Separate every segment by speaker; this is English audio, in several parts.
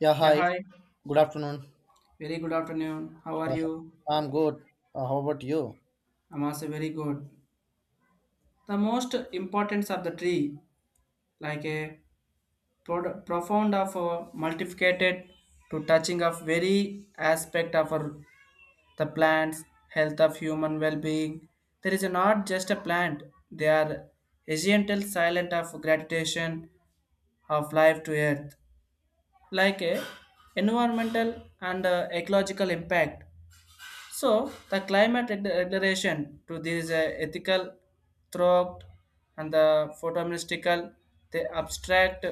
Speaker 1: Yeah,
Speaker 2: Yeah,
Speaker 1: hi.
Speaker 2: hi.
Speaker 1: Good afternoon.
Speaker 2: Very good afternoon. How are
Speaker 1: Uh,
Speaker 2: you?
Speaker 1: I'm good. How about you?
Speaker 2: I'm also very good. The most importance of the tree, like a profound of a multiplicated to touching of very aspect of our, the plants, health of human well-being. There is not just a plant. They are essential silent of gravitation of life to earth like a environmental and ecological impact. So the climate regulation to these ethical throat and the photoministical, they abstract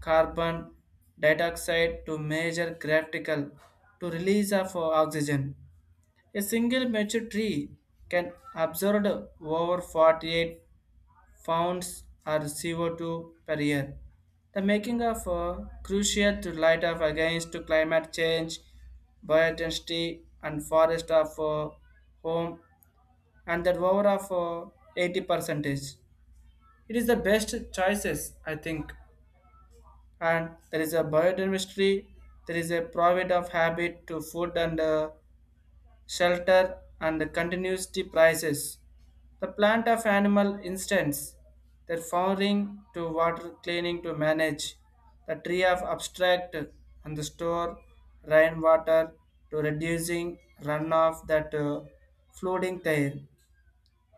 Speaker 2: carbon dioxide to major graphical to release of oxygen. A single mature tree can absorb over 48 founds or CO2 per year. The making of crucial to light up against to climate change, biodiversity and forest of home and that over of uh, 80 percentage. It is the best choices, I think. And there is a biodiversity, there is a private of habit to food and shelter, and the continuity prices. The plant of animal instance, their flowering to water cleaning to manage, the tree of abstract and the store rainwater to reducing runoff that flooding there.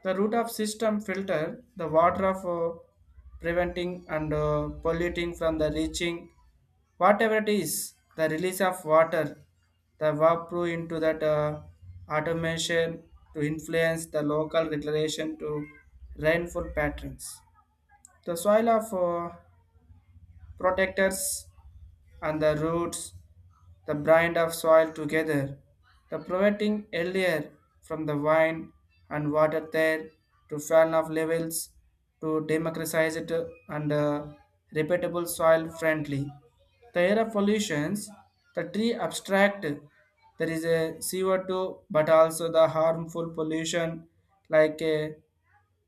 Speaker 2: The root of system filter the water of preventing and polluting from the reaching whatever it is the release of water the vapor into that automation to influence the local regulation to rainfall patterns, the soil of protectors and the roots, the brine of soil together, the promoting earlier from the wine and water there to fan of levels to democratize it and repeatable soil friendly. The air of pollutions, the tree abstract, there is a CO2 but also the harmful pollution like a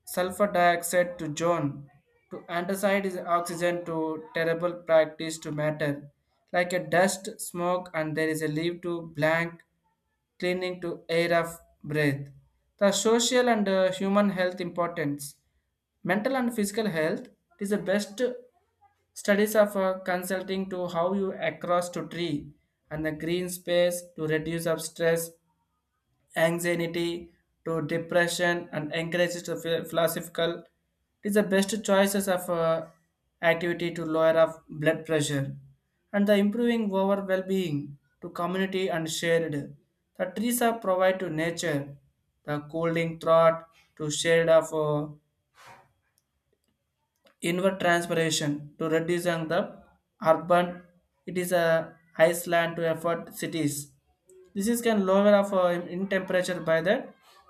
Speaker 2: sulfur dioxide to John, to antacid is oxygen to terrible practice to matter, like a dust, smoke, and there is a leave to blank, cleaning to air of breath. The social and human health importance, mental and physical health is the best studies of consulting to how you across to tree and the green space to reduce of stress, anxiety to depression and encourages to philosophical. It is the best choices of activity to lower of blood pressure and the improving over well-being to community and shared. The trees are provide to nature the cooling thought to shade of inward transpiration to reducing the urban, it is a iceland to effort cities, this is can lower of in temperature by the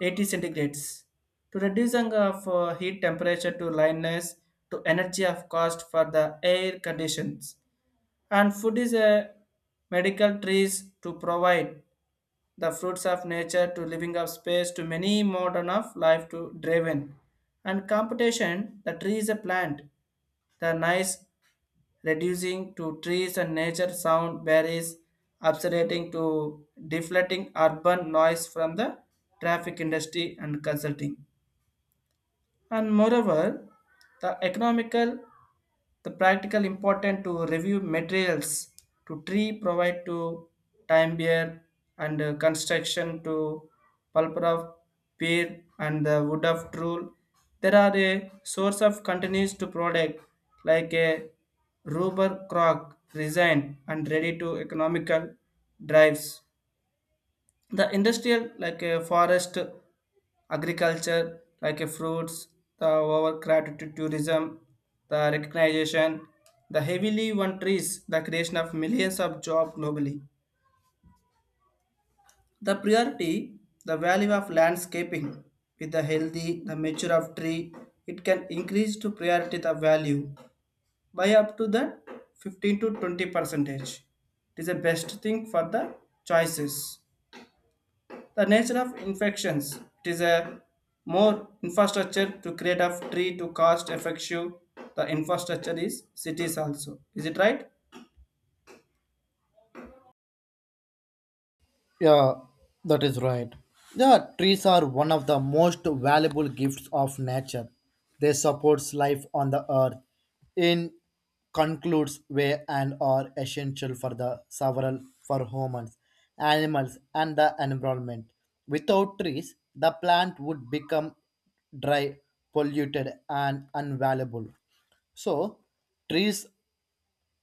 Speaker 2: 80 centigrades to reducing of heat temperature to lineness to energy of cost for the air conditions, and food is a medical trees to provide the fruits of nature to living of space to many modern of life to driven and computation. The tree is a plant, the nice reducing to trees and nature sound barriers obsolating to deflating urban noise from the traffic industry and consulting. And moreover, the economical, the practical important to review materials to tree provide to time bear and construction to pulper of pear and the wood of true. There are a source of continuous to product like a rubber crock resin, and ready to economical drives the industrial like a forest, agriculture like a fruits, the overcrowded to tourism, the recognition, the heavily one trees, the creation of millions of jobs globally, the priority, the value of landscaping with the healthy the mature of tree, it can increase to priority the value by up to the 15 to 20 percentage. It is the best thing for the choices. The nature of infections, it is a more infrastructure to create a tree to cost effective the infrastructure is cities also. Is it right?
Speaker 1: Yeah, that is right. Yeah, trees are one of the most valuable gifts of nature. They supports life on the earth in concludes way and are essential for the several for humans, animals and the environment. Without trees, the plant would become dry, polluted and unvaluable. So, trees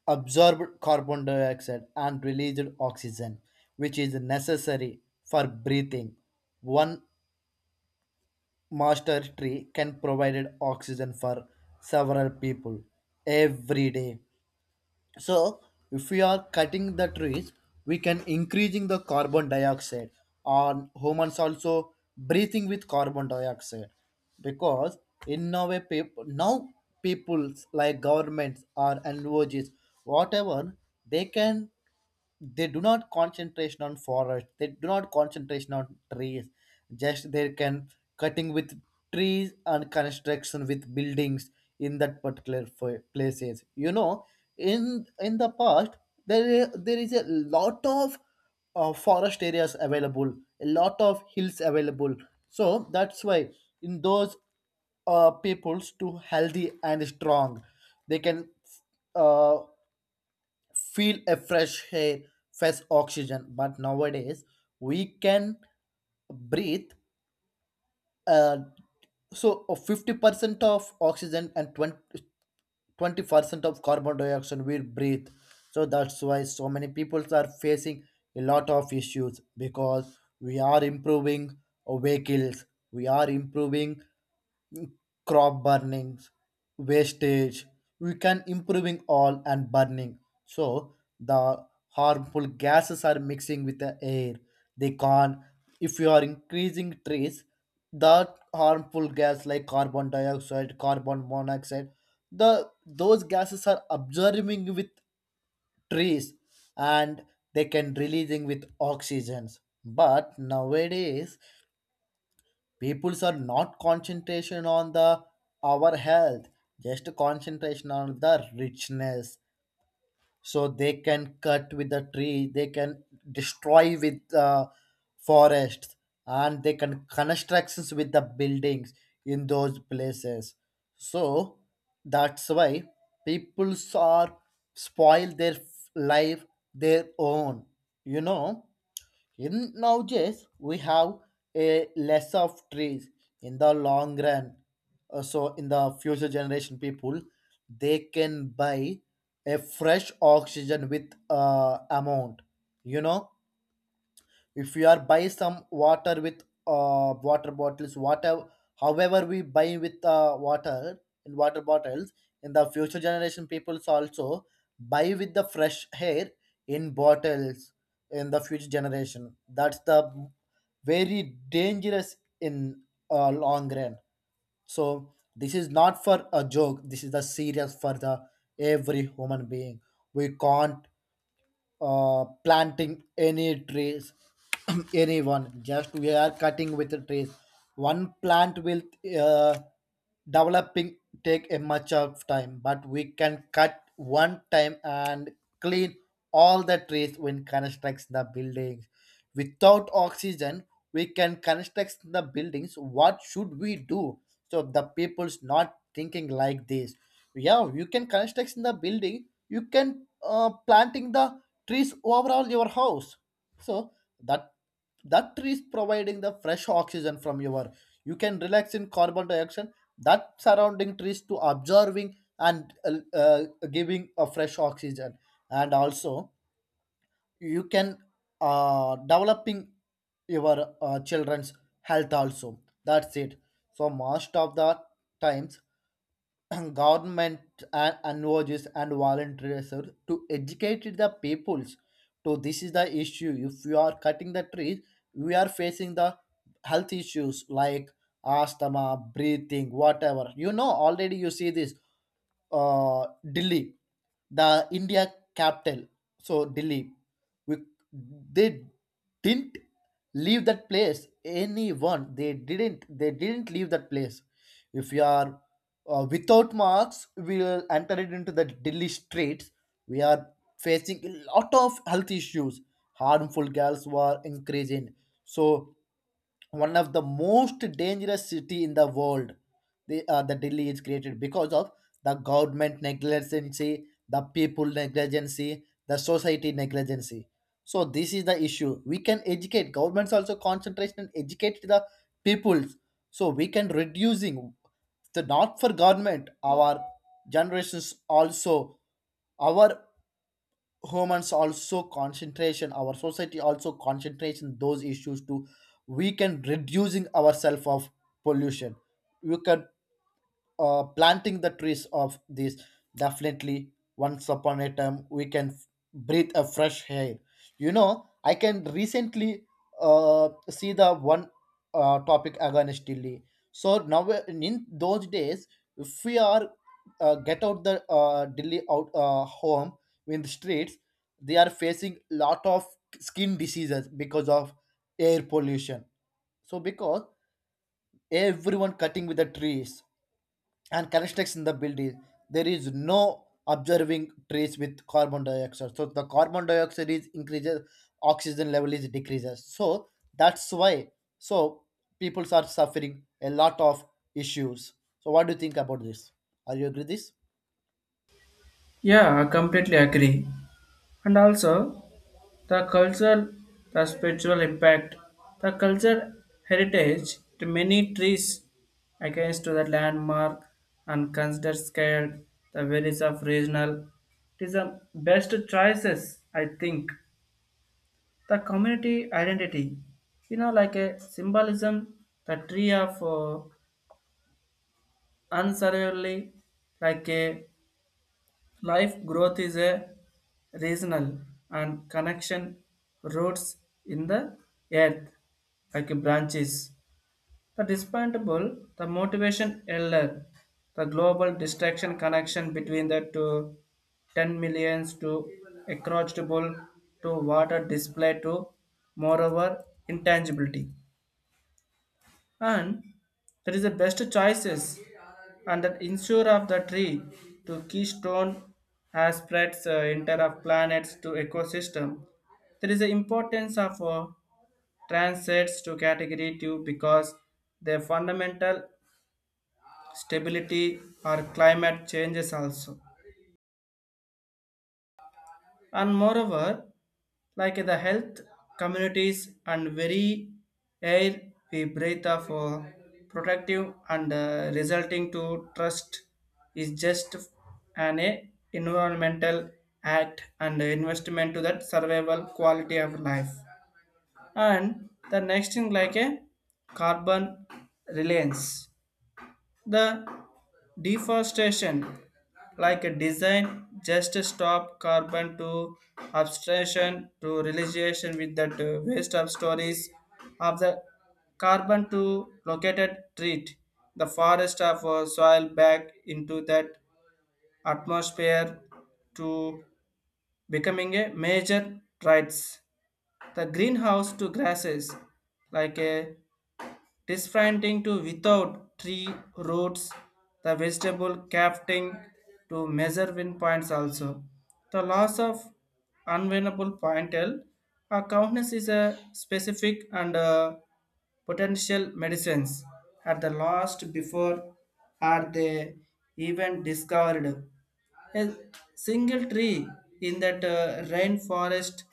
Speaker 1: absorbed carbon dioxide and released oxygen, which is necessary for breathing. One master tree can provide oxygen for several people every day. So if we are cutting the trees, we can increasing the carbon dioxide, and humans also breathing with carbon dioxide because in now a people now people like governments or NGOs whatever, they can, they do not concentration on forest, they do not concentration on trees, just they can cutting with trees and construction with buildings in that particular places. In the past, there is a lot of forest areas available, a lot of hills available. So that's why in those peoples to healthy and strong, they can uh, feel a fresh air, fresh oxygen. But nowadays, we can breathe uh, so 50% of oxygen and twenty percent of carbon dioxide we breathe. So that's why so many people are facing a lot of issues because we are improving vehicles, we are improving mm, crop burnings, wastage, we can improving all and burning. So the harmful gases are mixing with the air, they can't. If you are increasing trees, that harmful gas like carbon dioxide, carbon monoxide, the those gases are absorbing with trees, and they can releasing with oxygens. But nowadays peoples are not concentration on the our health, just concentration on the richness. So they can cut with the tree, they can destroy with the forest, and they can constructions with the buildings in those places. So that's why people are spoil their life, their own you know in nowadays, we have a less of trees in the long run. So in the future generation people, they can buy a fresh oxygen with amount. You know, if we are buy some water with water bottles whatever, however we buy with water in water bottles, in the future generation peoples also buy with the fresh air in bottles in the future generation. That's the very dangerous in long run. So this is not for a joke. This is the serious for the every human being. We can't planting any trees anyone, just we are cutting with the trees. One plant will uh, developing, take a much of time, but we can cut one time and clean all the trees when constructs the buildings. Without oxygen, we can construct the buildings, what should we do? So the people's not thinking like this. Yeah, you can construct in the building, you can planting the trees overall your house. So that that trees providing the fresh oxygen from your, you can relax in carbon dioxide, that surrounding trees to observing and giving a fresh oxygen. And also, you can developing your children's health also. That's it. So most of the times government and NGOs and volunteers are to educate the peoples. So this is the issue. If you are cutting the trees, we are facing the health issues like asthma, breathing, whatever. You know, already you see this Delhi, the India capital. So Delhi, we, they didn't leave that place. Anyone, they didn't leave that place. If you are without masks will enter it into the Delhi streets. We are facing a lot of health issues. Harmful gas were increasing. So one of the most dangerous city in the world. The Delhi is created because of the government negligency, the people negligency, the society negligency. So this is the issue. We can educate governments also concentration and educate the peoples. So we can reducing the not for government our generations also, our humans also concentration our society also concentration those issues, to we can reducing ourselves of pollution. You can planting the trees of this, definitely. Once upon a time, we can breathe a fresh air, you know. I can recently see the one topic again still. So now in those days, if we are get out the Delhi out home in the streets, they are facing lot of skin diseases because of air pollution. So because everyone cutting with the trees and constraints in the build is, there is no observing trees with carbon dioxide. So the carbon dioxide is increases, oxygen level is decreases. So that's why so people are suffering a lot of issues. So what do you think about this? Are you agree this?
Speaker 2: Yeah, I completely agree. And also, the cultural, the spiritual impact, the cultural heritage to many trees against to the landmark and consider scale the values of regional. It is the best choices, I think. The community identity, like a symbolism, the tree of unsurvivably like a life growth is a regional and connection, roots in the earth like branches, the disappointable, the motivation elder, the global distraction connection between the two, ten millions to accountable to water display to moreover intangibility. And that is the best choices, and that ensure of the tree to keystone has spreads inter of planets to ecosystem. There is the importance of transits to category 2 because their fundamental stability or climate changes also. And moreover, like the health communities and very air we breathe of protective and resulting to trust is just an environmental act and investment to that survival quality of life. And the next thing, like a carbon reliance, the deforestation, like a design, just to stop carbon to abstraction to realization with that waste of stories of the carbon to located treat the forest of soil back into that atmosphere to becoming a major rights. The greenhouse to grasses, like a Disfranting to without tree roots, the vegetable crafting to measure win points also. The loss of unwinnable pointel, a countness is a specific and potential medicines at the last before are they even discovered. A single tree in that rainforest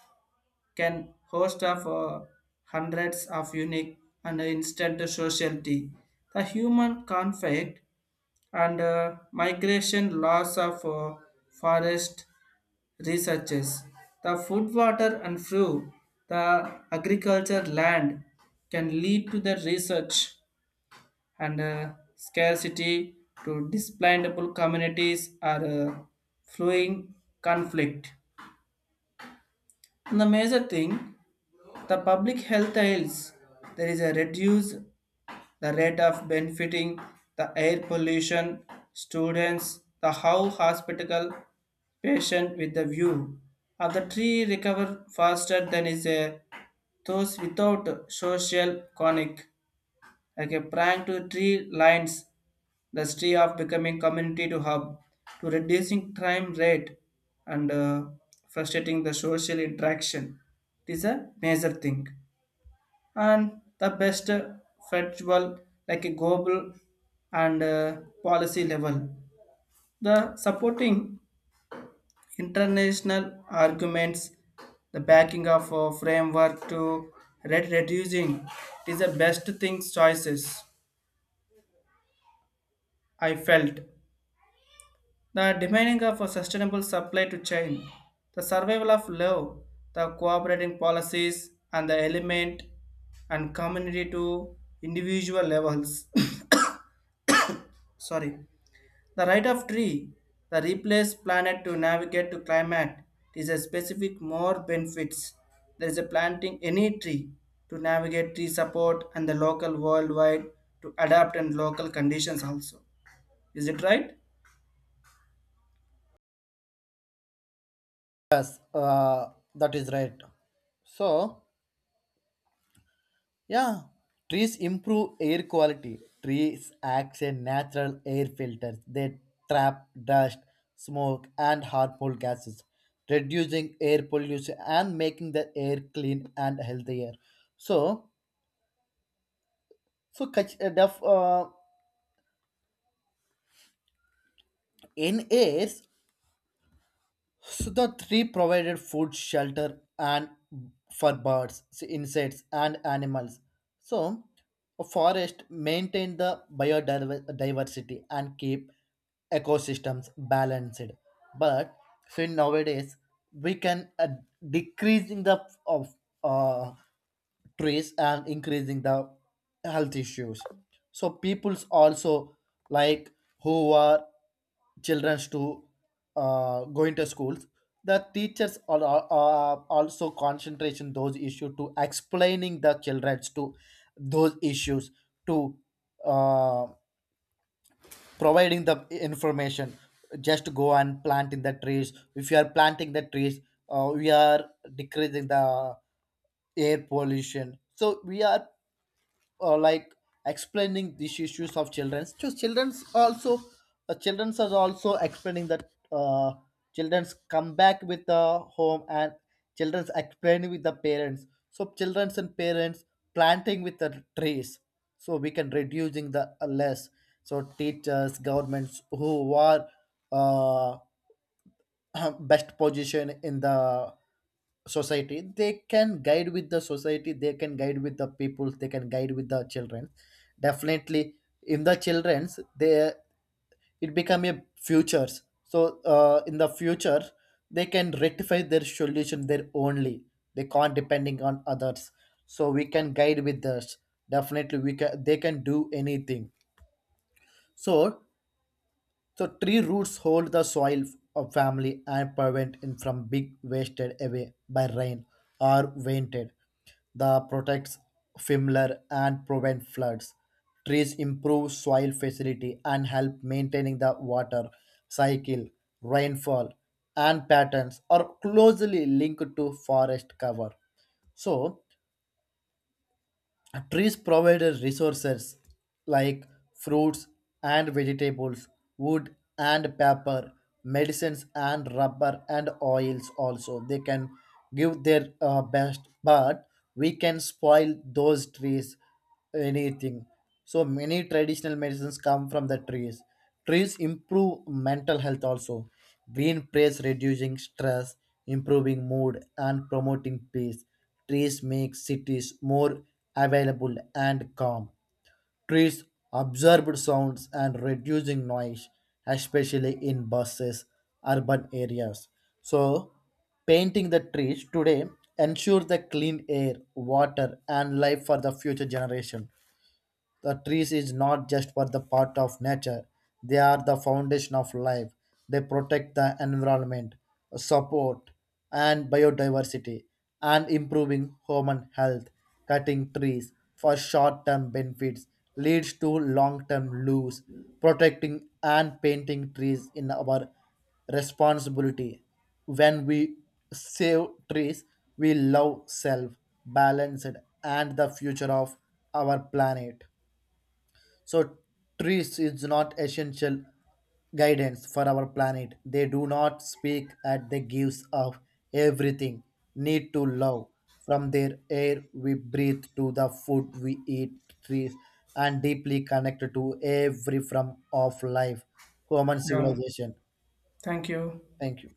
Speaker 2: can host of hundreds of unique and instant social. The human conflict and migration loss of forest researches, the food, water, and fuel, the agriculture land can lead to the research and scarcity to displantable communities are flowing conflict. And the major thing, the public health ails. There is a reduce the rate of benefiting the air pollution, students, the how hospital patient with the view of the tree recover faster than is a those without social conic, like a prank to tree lines, the tree of becoming community to hub to reducing crime rate and frustrating the social interaction. It is a major thing, and the best federal like a global and policy level. The supporting international arguments, the backing of a framework to reducing is the best things choices I felt. The demanding of a sustainable supply to chain, the survival of love, the cooperating policies and the element and community to individual levels. Sorry. The right of tree, the replace planet to navigate to climate, it is a specific more benefits. There is a planting any tree to navigate tree support and the local worldwide to adapt and local conditions also. Is it right?
Speaker 1: Yes, that is right. So yeah, trees improve air quality. Trees act as natural air filters. They trap dust, smoke, and harmful gases, reducing air pollution and making the air clean and healthier. So, catch the, in air. So the tree provided food, shelter, and for birds, so insects, and animals. So a forest maintained the biodiversity and keep ecosystems balanced. But so nowadays we can decreasing the of uh, trees and increasing the health issues. So people's also, like, who are children's to going to schools, the teachers are also concentration those issues to explaining the childrens to those issues, to uh, providing the information, just go and plant in the trees. If you are planting the trees, we are decreasing the air pollution. So we are like explaining these issues of children. So children's also children's are also explaining that children's come back with the home, and children's explaining with the parents. So children's and parents planting with the trees. So we can reducing the less. So teachers, governments who are uh, best position in the society, they can guide with the society, they can guide with the people, they can guide with the children, definitely. In the children's, they, it become a futures. So in the future, they can rectify their solution their only, they can't depending on others. So we can guide with this. Definitely we can, they can do anything. So tree roots hold the soil of family and prevent it from being wasted away by rain or vented. The protects fimler and prevent floods. Trees improve soil facility and help maintaining the water cycle, rainfall, and patterns are closely linked to forest cover. So trees provide us resources like fruits and vegetables, wood and paper, medicines and rubber and oils also. They can give their best, but we can spoil those trees anything. So many traditional medicines come from the trees. Trees improve mental health also. Green praise reducing stress, improving mood and promoting peace. Trees make cities more available and calm. Trees absorb sounds and reducing noise, especially in buses, urban areas. So painting the trees today ensures the clean air, water and life for the future generation. The trees is not just for the part of nature; they are the foundation of life. They protect the environment, support and biodiversity, and improving human health. Cutting trees for short-term benefits leads to long-term loss. Protecting and painting trees in our responsibility. When we save trees, we love self, balanced, and the future of our planet. So, trees is not essential guidance for our planet. They do not speak at the gives of everything need to love. From their air we breathe to the food we eat, trees and deeply connected to every form of life, human
Speaker 2: Yeah.
Speaker 1: civilization.
Speaker 2: Thank you.
Speaker 1: Thank you.